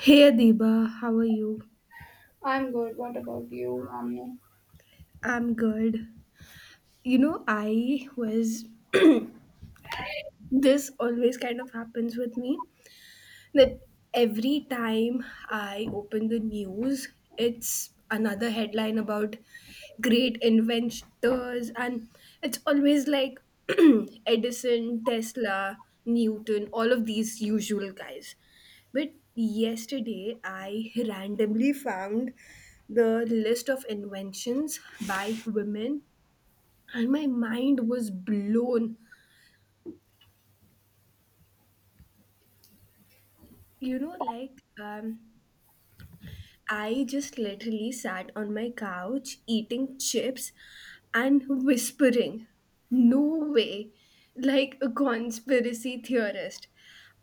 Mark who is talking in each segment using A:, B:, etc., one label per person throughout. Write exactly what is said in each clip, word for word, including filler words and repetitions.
A: Hey Adiba, how are you?
B: I'm good. What about you, Omni?
A: I'm good. You know, I was this always kind of happens with me. That Every time I open the news, it's another headline about great inventors, and it's always like Edison, Tesla, Newton, all of these usual guys. But yesterday, I randomly found the list of inventions by women, and my mind was blown. You know, like, um, I just literally sat on my couch eating chips and whispering, no way, like a conspiracy theorist.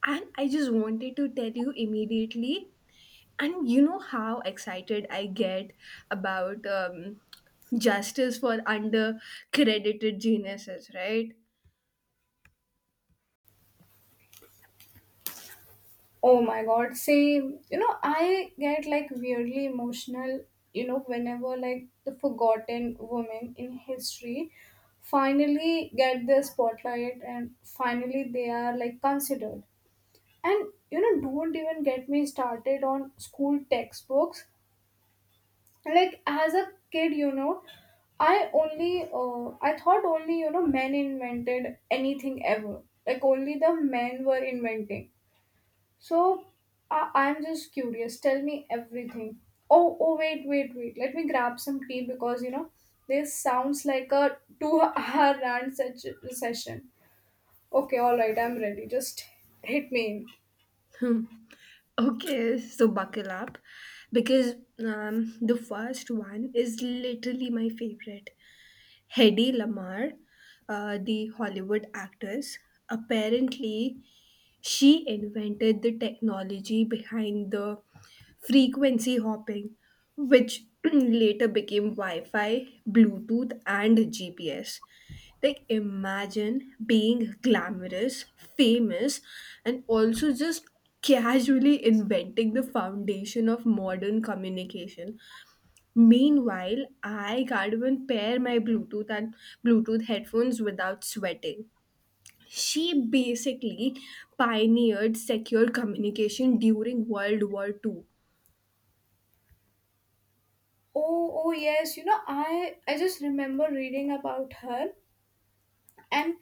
A: And I just wanted to tell you immediately. And you know how excited I get about um, justice for under credited geniuses, right?
B: Oh my god, see, You know, I get like weirdly emotional, you know, whenever like the forgotten women in history finally get their spotlight and finally they are like considered. And you know, don't even get me started on school textbooks. Like as a kid, you know, I only uh, I thought only you know men invented anything ever. Like only the men were inventing. So I I'm just curious. Tell me everything. Oh, oh, wait, wait, wait. Let me grab some tea because you know this sounds like a two-hour rant se- session. Okay, all right, I'm ready. Just hit me in.
A: Okay, so buckle up because um, the first one is literally my favorite. Hedy Lamarr, uh, the Hollywood actress, apparently she invented the technology behind the frequency hopping, which later became Wi Fi, Bluetooth, and G P S. Like, imagine being glamorous, famous, and also just casually inventing the foundation of modern communication. Meanwhile, I can't even pair my Bluetooth and Bluetooth headphones without sweating. She basically pioneered secure communication during World War Two.
B: Oh, oh yes. You know, I I just remember reading about her and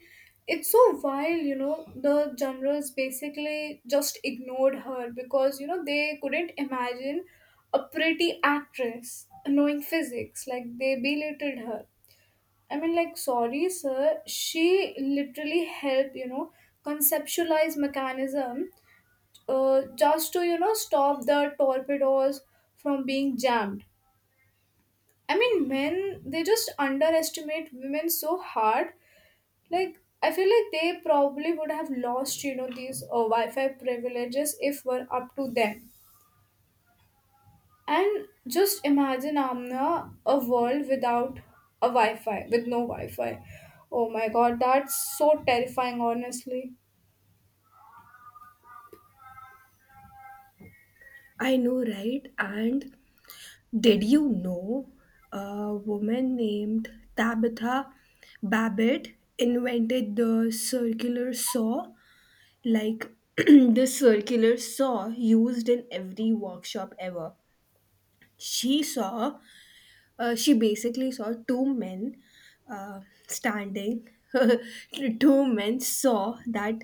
B: it's so wild, you know the generals basically just ignored her because you know they couldn't imagine a pretty actress knowing physics, like they belittled her. I mean, like, sorry sir, she literally helped you know conceptualize mechanism uh, just to you know stop the torpedoes from being jammed. I mean, men, they just underestimate women so hard. Like I feel like they probably would have lost you know these uh, Wi-Fi privileges if were up to them. And just imagine amna a world without a Wi-Fi, with no Wi-Fi. Oh my god, that's so terrifying, honestly.
A: I know, right? And did you know a woman named Tabitha Babbitt invented the circular saw? Like the circular saw used in every workshop ever. She saw, uh, she basically saw two men uh, standing. Two men saw that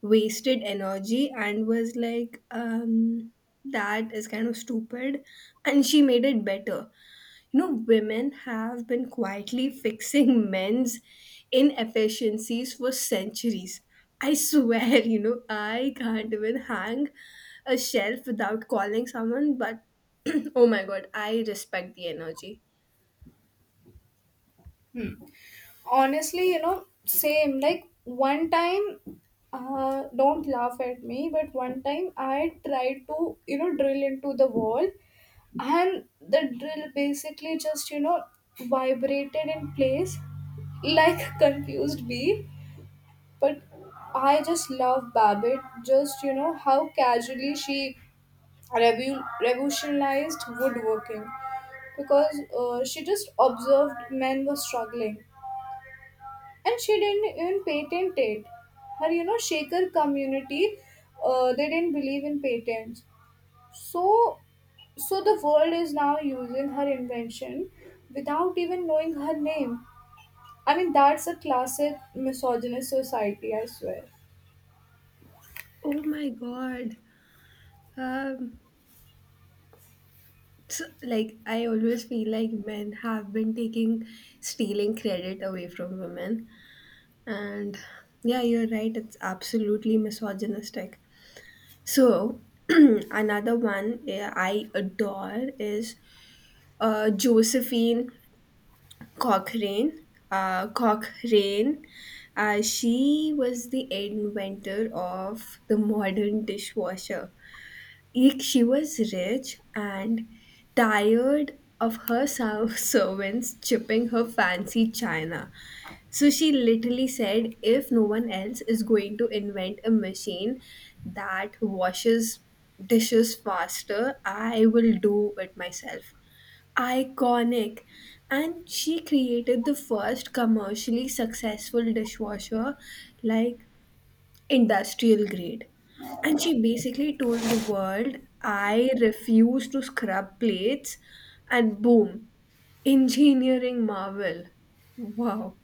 A: wasted energy and was like, um, that is kind of stupid. And she made it better. You know, women have been quietly fixing men's inefficiencies for centuries. I swear, you know, I can't even hang a shelf without calling someone, but oh my god, I respect the energy.
B: Hmm. Honestly you know same. Like one time, uh, don't laugh at me, but one time I tried to you know drill into the wall and the drill basically just you know vibrated in place like a confused bee. But I just love Babbitt, just you know how casually she revu- revolutionized woodworking, because uh, she just observed men were struggling and she didn't even patent it. Her you know Shaker community, uh, they didn't believe in patents. So So the world is now using her invention without even knowing her name. I mean, that's a classic misogynist society, I swear.
A: Oh my god. Um, so, like I always feel like men have been taking stealing credit away from women, and yeah, you're right. It's absolutely misogynistic. So another one eh, I adore is uh, Josephine Cochrane. Uh, Cochrane. Uh, she was the inventor of the modern dishwasher. Like she was rich and tired of her ser- servants chipping her fancy china. So she literally said, if no one else is going to invent a machine that washes dishes faster, I will do it myself. Iconic. And she created the first commercially successful dishwasher like industrial grade. And she basically told the world, I refuse to scrub plates, and boom, engineering marvel. Wow.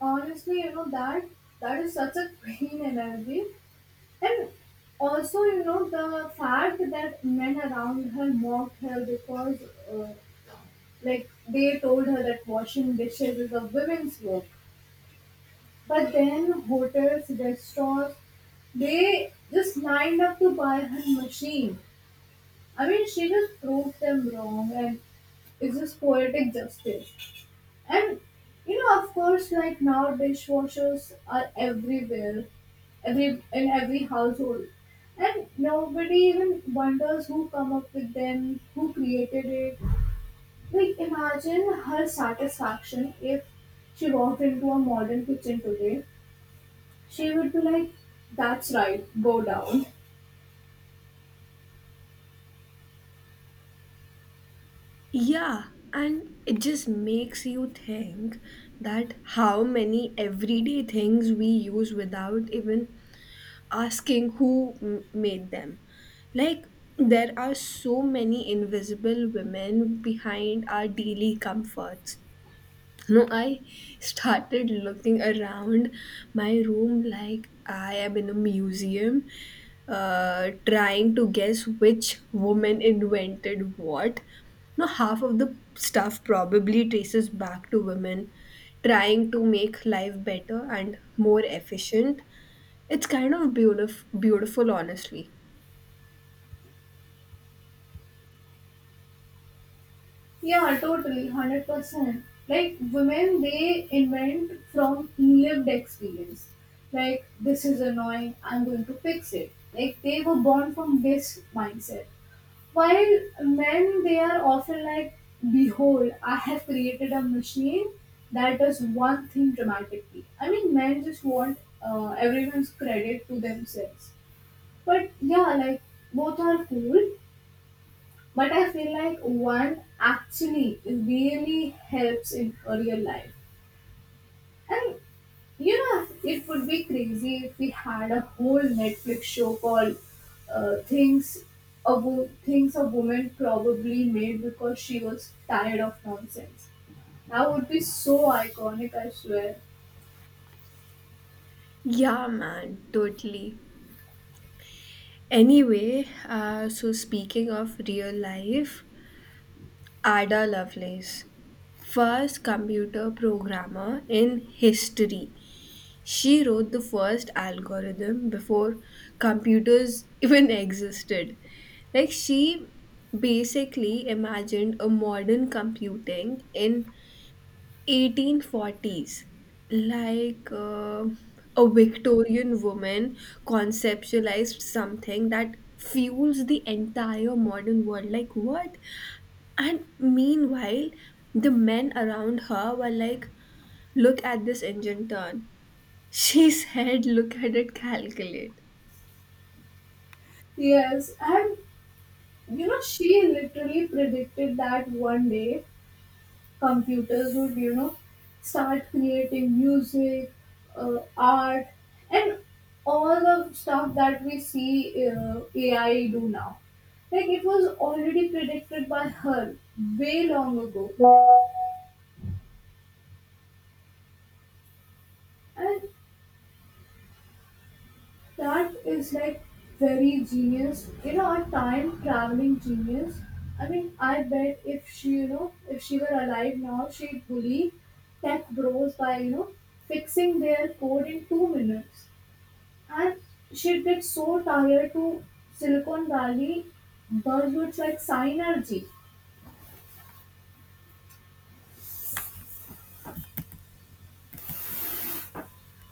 B: Honestly, you know that that is such a queen energy. And also, you know the fact that men around her mocked her because, uh, like, they told her that washing dishes is a women's work. But then hotels, restaurants, they just lined up to buy her machine. I mean, she just proved them wrong, and it's just poetic justice. And you know, of course, like now dishwashers are everywhere, every in every household, and nobody even wonders who come up with them, who created it. Like, imagine her satisfaction if she walked into a modern kitchen today. She would be like, "That's right, go down."
A: Yeah, and it just makes you think that how many everyday things we use without even asking who m- made them. Like, there are so many invisible women behind our daily comforts. No, I started looking around my room like I am in a museum, uh, trying to guess which woman invented what. No, half of the stuff probably traces back to women trying to make life better and more efficient. It's kind of beautif- beautiful, honestly.
B: Yeah, totally, one hundred percent. Like, women, they invent from lived experience. Like, this is annoying, I'm going to fix it. Like, they were born from this mindset. While men, they are often like, behold, I have created a machine that does one thing dramatically. I mean, men just want uh, everyone's credit to themselves. But yeah, like, both are cool, but I feel like one actually really helps in a real life. And you know, it would be crazy if we had a whole Netflix show called uh, "Things a Wo- Things a Woman Probably Made Because She Was Tired of Nonsense." That would be so iconic, I swear.
A: Yeah, man, totally. Anyway, uh, so speaking of real life, Ada Lovelace, first computer programmer in history. She wrote the first algorithm before computers even existed. Like, she basically imagined a modern computing in eighteen forties like uh, a Victorian woman conceptualized something that fuels the entire modern world, like what. And meanwhile, the men around her were like, look at this engine turn. She said, look at it calculate.
B: Yes, and you know, she literally predicted that one day computers would you know start creating music, uh, art, and all the stuff that we see uh, A I do now. Like it was already predicted by her way long ago, and that is like very genius, you know a time traveling genius. I mean, I bet if she, you know if she were alive now, she'd bully tech bros by you know fixing their code in two minutes. And she'd get so tired to Silicon Valley buzzwords like synergy.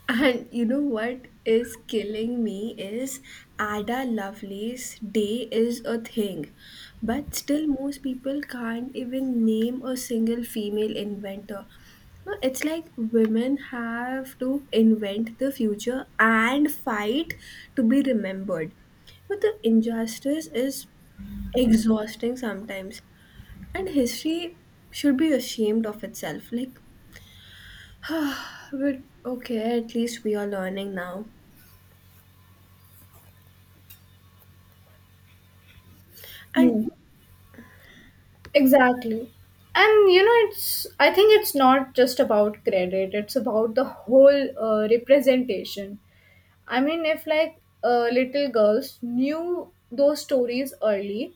A: And you know what is killing me is Ada Lovelace Day is a thing, but still, most people can't even name a single female inventor. No, it's like women have to invent the future and fight to be remembered. But the injustice is exhausting sometimes, and history should be ashamed of itself, like, but okay, at least we are learning now. and
B: Hmm. Exactly. And you know, it's, I think it's not just about credit, it's about the whole uh, representation. I mean, if like, uh, little girls knew those stories early,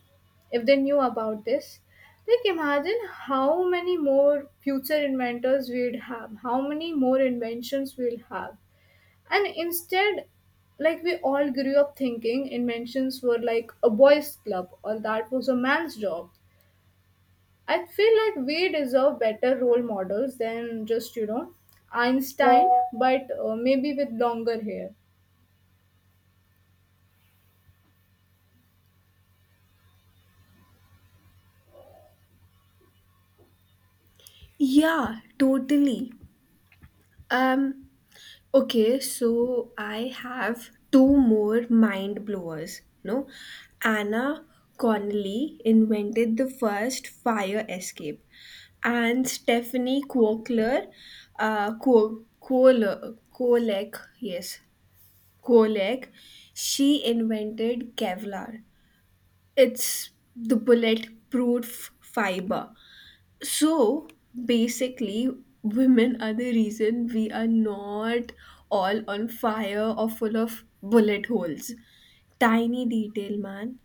B: if they knew about this, like imagine how many more future inventors we'd have, how many more inventions we'll have. And instead, like, we all grew up thinking inventions were like a boys club, or that was a man's job. I feel like we deserve better role models than just, you know Einstein, but...
A: yeah totally. um okay, so I have two more mind blowers. No, Anna Connolly invented the first fire escape, and Stephanie Kwokler, uh Ko- Kohler, Kolek, yes Kolek, she invented Kevlar. It's the bulletproof fiber. So basically, women are the reason we are not all on fire or full of bullet holes. Tiny detail, man.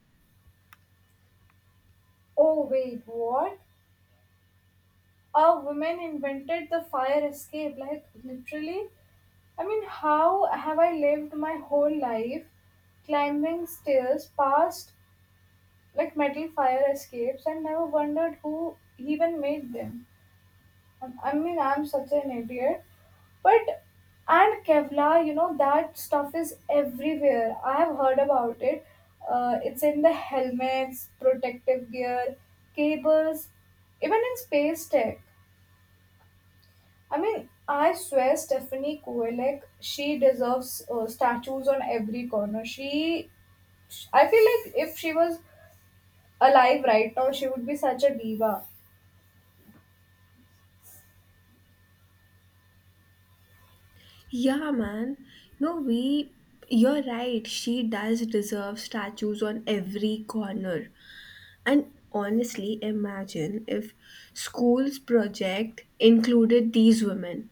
B: Oh, wait, what? A woman invented the fire escape. Like, literally? I mean, how have I lived my whole life climbing stairs past like metal fire escapes and never wondered who even made them? I mean, I'm such an idiot. But and Kevlar, you know that stuff is everywhere. I have heard about it. Uh, it's in the helmets, protective gear, cables, even in space tech. I mean, I swear, Stephanie Kovalek, she deserves uh, statues on every corner. She, I feel like if she was alive right now, she would be such a diva.
A: Yeah, man. No, we. You're right. She does deserve statues on every corner. And honestly, imagine if school's project included these women.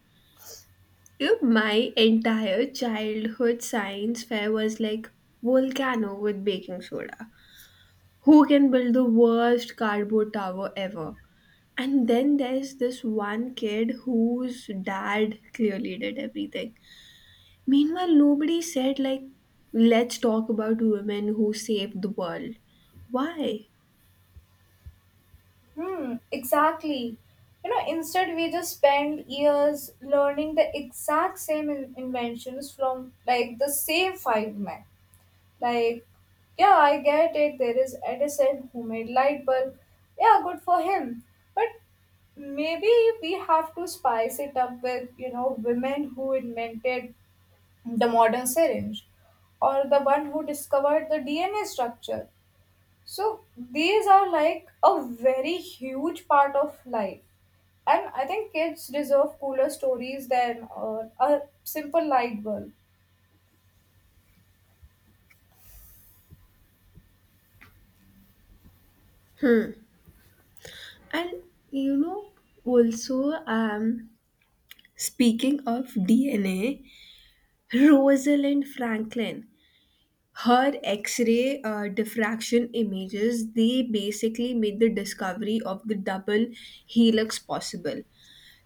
A: You know, my entire childhood science fair was like volcano with baking soda. Who can build the worst cardboard tower ever? And then there's this one kid whose dad clearly did everything. Meanwhile, nobody said like, let's talk about women who saved the world. Why?
B: Hmm, exactly. You know, instead we just spend years learning the exact same in- inventions from like the same five men. Like, yeah, I get it. There is Edison who made light bulb. Yeah, good for him. But maybe we have to spice it up with, you know women who invented the modern syringe, or the one who discovered the D N A structure. So these are like a very huge part of life, and I think kids deserve cooler stories than uh, a simple light bulb.
A: And you know, also, um, speaking of D N A, Rosalind Franklin, her X ray uh, diffraction images, they basically made the discovery of the double helix possible.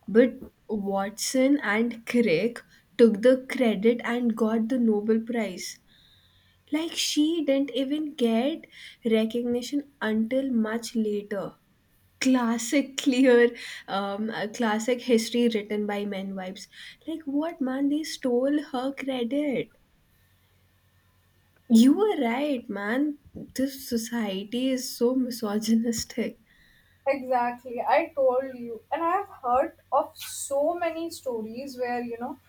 A: But Watson and Crick took the credit and got the Nobel Prize. Like, she didn't even get recognition until much later. Classic clear um a classic history written by men vibes. Like, what, man, they stole her credit. You were right, man. This society is so misogynistic.
B: Exactly, I told you, and I have heard of so many stories where, you know,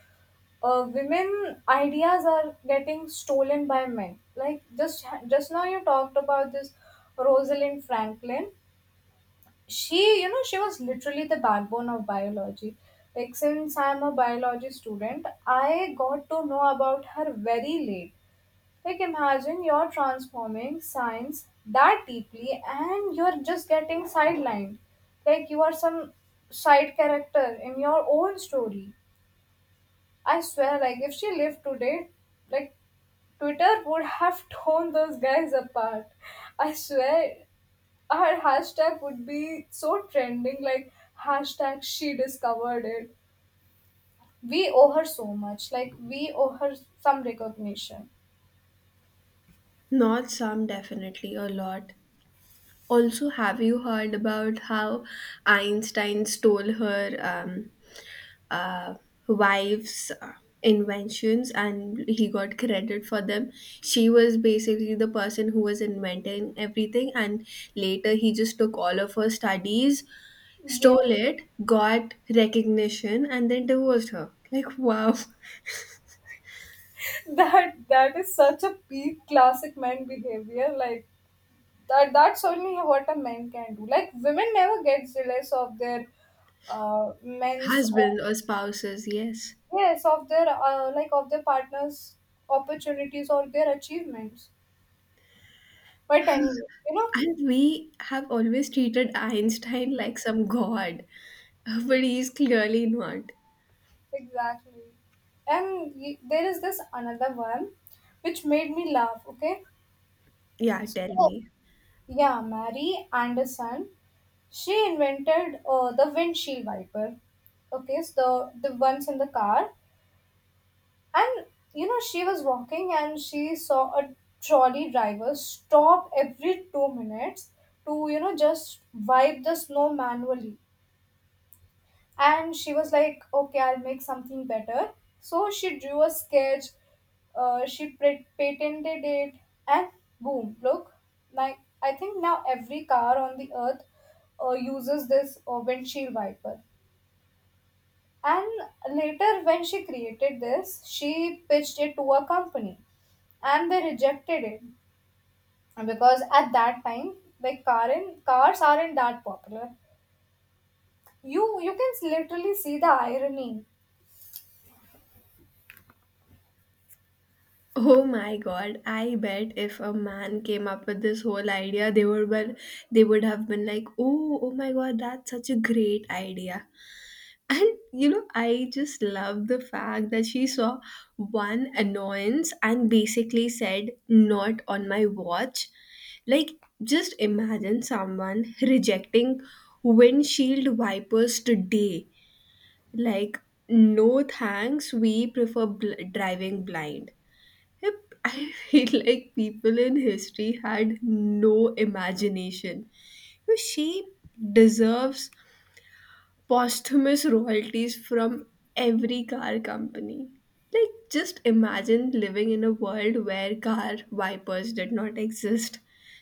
B: uh, women ideas are getting stolen by men. Like, just just now you talked about this Rosalind Franklin. She, you know she was literally the backbone of biology. Like, since I'm a biology student, I got to know about her very late. Like, imagine you're transforming science that deeply and you're just getting sidelined, like you are some side character in your own story. I swear, like, if she lived today, like Twitter would have torn those guys apart. I swear, her hashtag would be so trending, like hashtag she discovered it. We owe her so much. Like, we owe her some recognition.
A: Not some, definitely a lot. Also, have you heard about how Einstein stole her um uh, wife's uh, inventions, and he got credit for them? She was basically the person who was inventing everything, and later he just took all of her studies,
B: Yeah,
A: stole it, got recognition, and then divorced her. Like, wow.
B: that that is such a peak classic man behavior. Like that that's only what a man can do. Like women never get jealous of their, uh, men's, or...
A: Husbands or spouses, yes.
B: yes, of their, uh, like, of their partners, opportunities or their achievements. But anyway, you know
A: And we have always treated Einstein like some god, but he's clearly not.
B: Exactly. And, y- there is this another one which made me laugh, okay?
A: Yeah, tell
B: So,
A: me.
B: yeah, Mary Anderson, she invented, uh, the windshield wiper, okay? So, the, the ones in the car. And, you know, she was walking and she saw a trolley driver stop every two minutes to, you know, just wipe the snow manually. And she was like, okay, I'll make something better. So she drew a sketch, uh, she pre- patented it, and boom, look. Like I think now every car on the earth, uh, uses this uh, windshield wiper. And later, when she created this, she pitched it to a company and they rejected it, because at that time, like, car in, cars aren't that popular. You you can literally see the irony.
A: Oh my god, I bet if a man came up with this whole idea, they would been, they would have been like, "Oh, oh my god, that's such a great idea." And you know, I just love the fact that she saw one annoyance and basically said, "Not on my watch." Like, just imagine someone rejecting windshield wipers today. Like, no thanks, we prefer bl- driving blind. Yep, I feel like people in history had no imagination. You know, she deserves posthumous royalties from every car company. Like, just imagine living in a world where car wipers did not exist.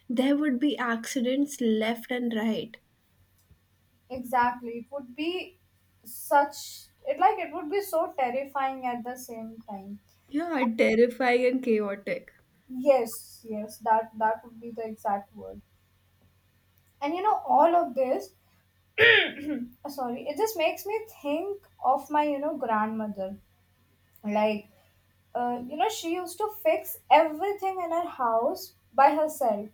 A: There would be accidents left and right.
B: Exactly. It would be such it like, it would be so terrifying at the same time.
A: Yeah, terrifying and chaotic.
B: Yes, yes, that that would be the exact word. And you know, all of this, uh, sorry, it just makes me think of my, you know, grandmother. Like, uh, you know, she used to fix everything in her house by herself.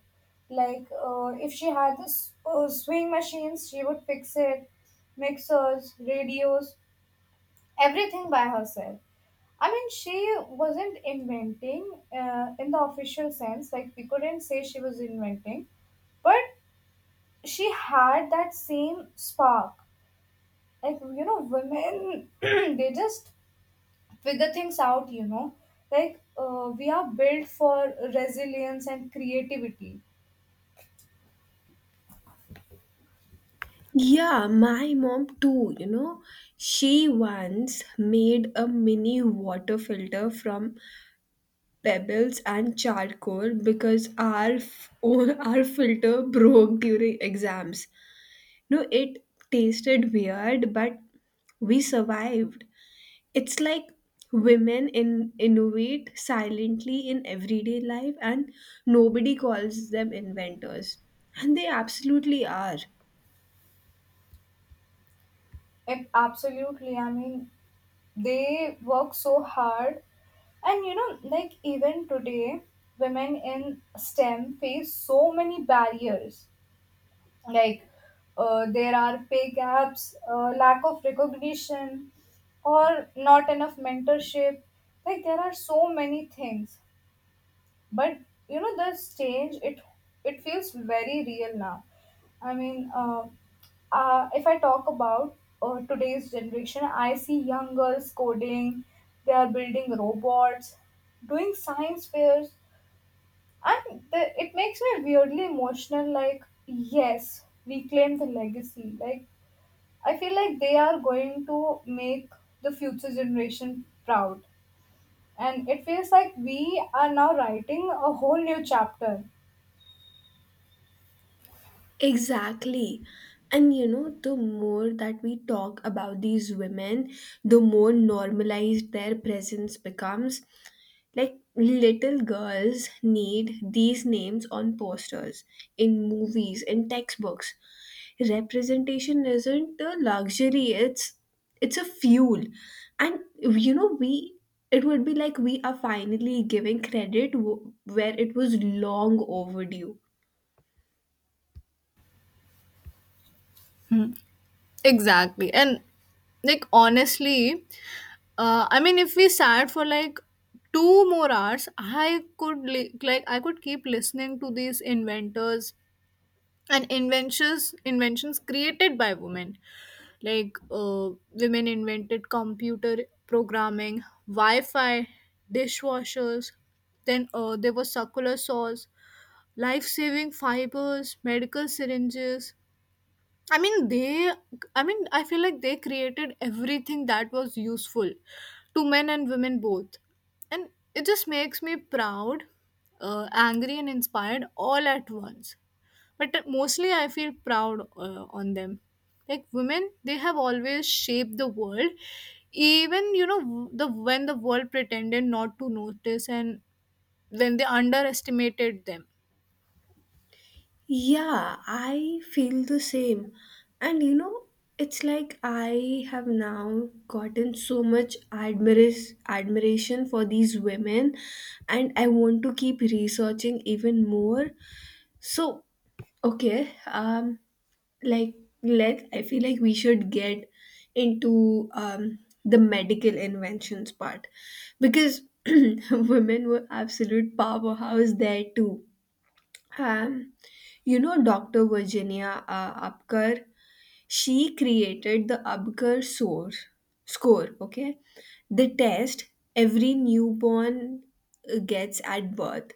B: Like, uh, if she had this, uh, swing machines, she would fix it, mixers, radios, everything by herself. I mean, she wasn't inventing, uh, in the official sense, like, we couldn't say she was inventing, but she had that same spark. Like, you know, women, they just figure things out, you know. Like, uh, we are built for resilience and creativity.
A: Yeah, my mom too, you know. She once made a mini water filter from pebbles and charcoal because our f- own our filter broke during exams. No, it tasted weird, but we survived. It's like women in innovate silently in everyday life, and nobody calls them inventors, and they absolutely are.
B: Like, absolutely. I mean, they work so hard. And you know like even today, women in STEM face so many barriers. Like, uh, there are pay gaps, uh, lack of recognition, or not enough mentorship. Like, there are so many things, but you know this change it, it feels very real now. I mean, uh, uh, if I talk about uh, today's generation, I see young girls coding, they are building robots, doing science fairs. And the, it makes me weirdly emotional, like yes, reclaim the legacy. Like, I feel like they are going to make the future generation proud, and it feels like we are now writing a whole new chapter.
A: Exactly. And you know, the more that we talk about these women, the more normalized their presence becomes. Like little girls need these names on posters, in movies, in textbooks. Representation isn't a luxury, it's it's a fuel. And you know, we it would be like we are finally giving credit w- where it was long overdue.
B: Exactly. And, like, honestly, uh, I mean, if we sat for like two more hours, I could li- like I could keep listening to these inventors and inventions inventions created by women. Like, uh, women invented computer programming, Wi-Fi, dishwashers, then, uh, there was circular saws, life-saving fibers, medical syringes. I mean, they, I mean, I feel like they created everything that was useful to men and women both. And it just makes me proud, uh, angry, and inspired all at once. But mostly I feel proud uh, on them. Like women, they have always shaped the world, even, you know, the when the world pretended not to notice, and when they underestimated them.
A: Yeah, I feel the same. And you know, it's like I have now gotten so much admiris- admiration for these women, and I want to keep researching even more. So, okay, um, like let I feel like we should get into um the medical inventions part, because women were absolute powerhouse there too. um, you know, doctor Virginia uh, Apgar, she created the Apgar score, score, okay? The test every newborn uh, gets at birth.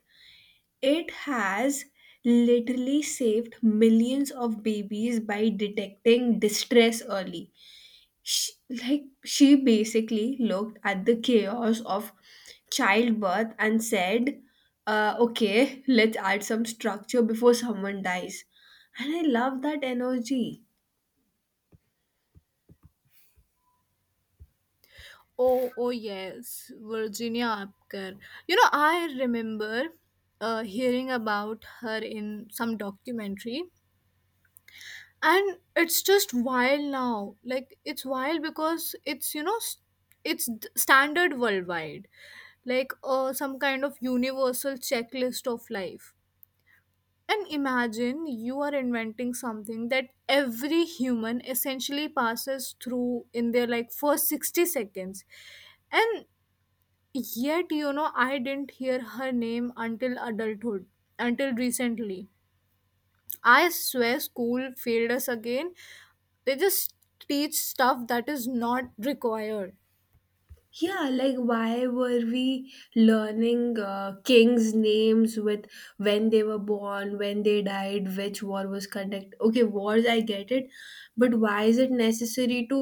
A: It has literally saved millions of babies by detecting distress early. she, like she basically looked at the chaos of childbirth and said uh, okay, let's add some structure before someone dies, and I love that energy.
B: Oh, oh yes, Virginia Apgar. You know, I remember uh, hearing about her in some documentary, and it's just wild now. Like it's wild because it's, you know s- it's d- standard worldwide, like, uh, some kind of universal checklist of life. And imagine you are inventing something that every human essentially passes through in their like first sixty seconds. And yet, you know, I didn't hear her name until adulthood, until recently. I swear school failed us again. They just teach stuff that is not required.
A: Yeah, like why were we learning uh, kings names with when they were born, when they died, which war was conducted. Okay, wars I get it, but why is it necessary to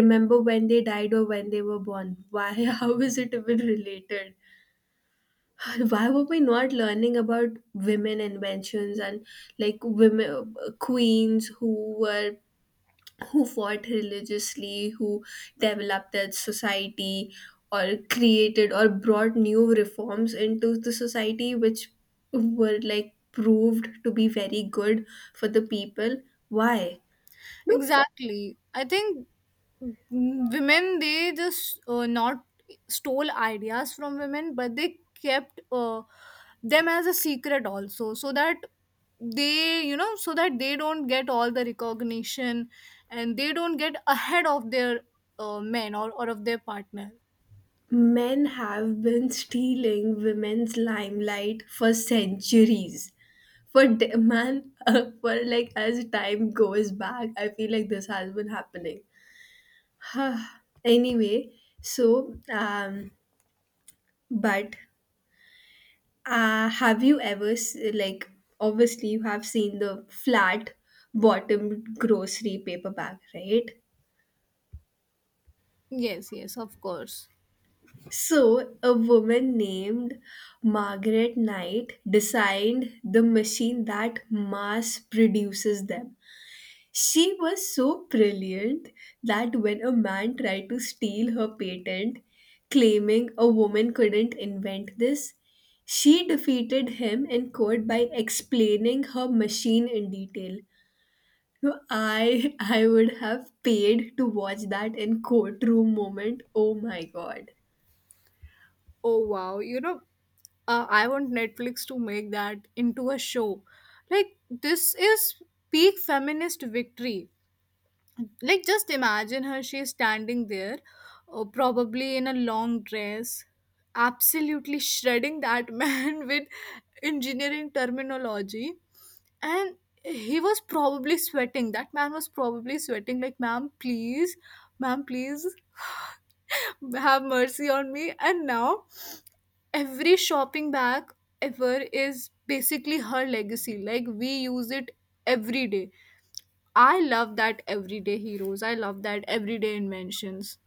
A: remember when they died or when they were born? Why? How is it even related? Why were we not learning about women inventions and like women queens who were who fought religiously, who developed their society or created or brought new reforms into the society which were like proved to be very good for the people? Why? No,
B: Exactly. I think, mm, women, they just, uh, not stole ideas from women, but they kept, uh, them as a secret also, so that they, you know so that they don't get all the recognition and they don't get ahead of their, uh, men, or, or of their partner.
A: men have been stealing women's limelight for centuries. For d- man, for like as time goes back I feel like this has been happening. Anyway, so um but uh have you ever s- like obviously you have seen the flat bottomed grocery paperback, right?
B: Yes, yes, of course.
A: So a woman named Margaret Knight designed the machine that mass produces them. She was so brilliant that when a man tried to steal her patent, claiming a woman couldn't invent this, she defeated him in court by explaining her machine in detail. So I I would have paid to watch that in courtroom moment. Oh my god.
B: Oh wow, you know, uh, I want Netflix to make that into a show. Like this is peak feminist victory. Like, just imagine her, she's standing there, uh, probably in a long dress, absolutely shredding that man with engineering terminology. And he was probably sweating, that man was probably sweating, like, ma'am please, ma'am please, have mercy on me. And now every shopping bag ever is basically her legacy, like we use it every day. I love that everyday heroes. I love that everyday inventions.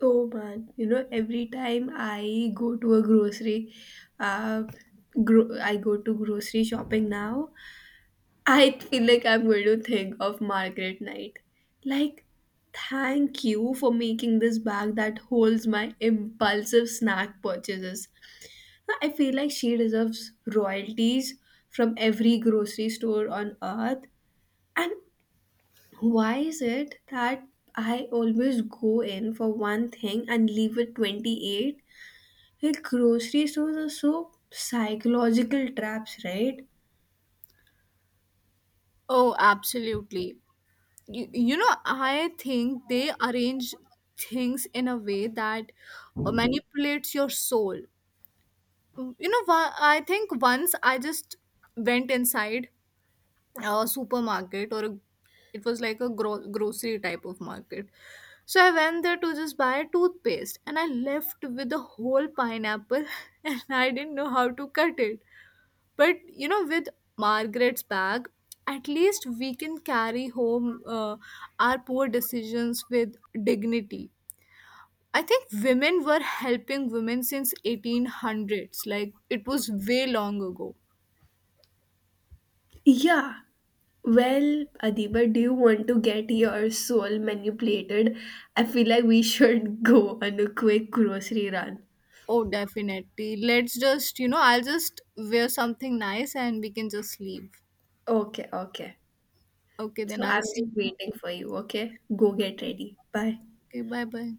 A: Oh man, you know, every time I go to a grocery, uh, gro- I go to grocery shopping now, I feel like I'm going to think of Margaret Knight. Like, thank you for making this bag that holds my impulsive snack purchases. I feel like she deserves royalties from every grocery store on earth. And why is it that I always go in for one thing and leave with twenty-eight? Like, grocery stores are so psychological traps, right?
B: Oh, absolutely. You, you know, I think they arrange things in a way that uh, manipulates your soul. You know, wha- I think once I just went inside a supermarket, or a, it was like a gro- grocery type of market. So I went there to just buy a toothpaste and I left with a whole pineapple and I didn't know how to cut it. But you know, with Margaret's bag, at least we can carry home, uh, our poor decisions with dignity. I think women were helping women since eighteen hundreds. Like it was way long ago.
A: Yeah, well, Adiba, do you want to get your soul manipulated? I feel like we should go on a quick grocery run.
B: Oh, definitely. Let's just, you know, I'll just wear something nice and we can just leave.
A: Okay, okay.
B: Okay, then
A: So
B: I'll
A: I'm just
B: see you.
A: waiting for you, okay? Go get ready. Bye.
B: Okay, bye bye.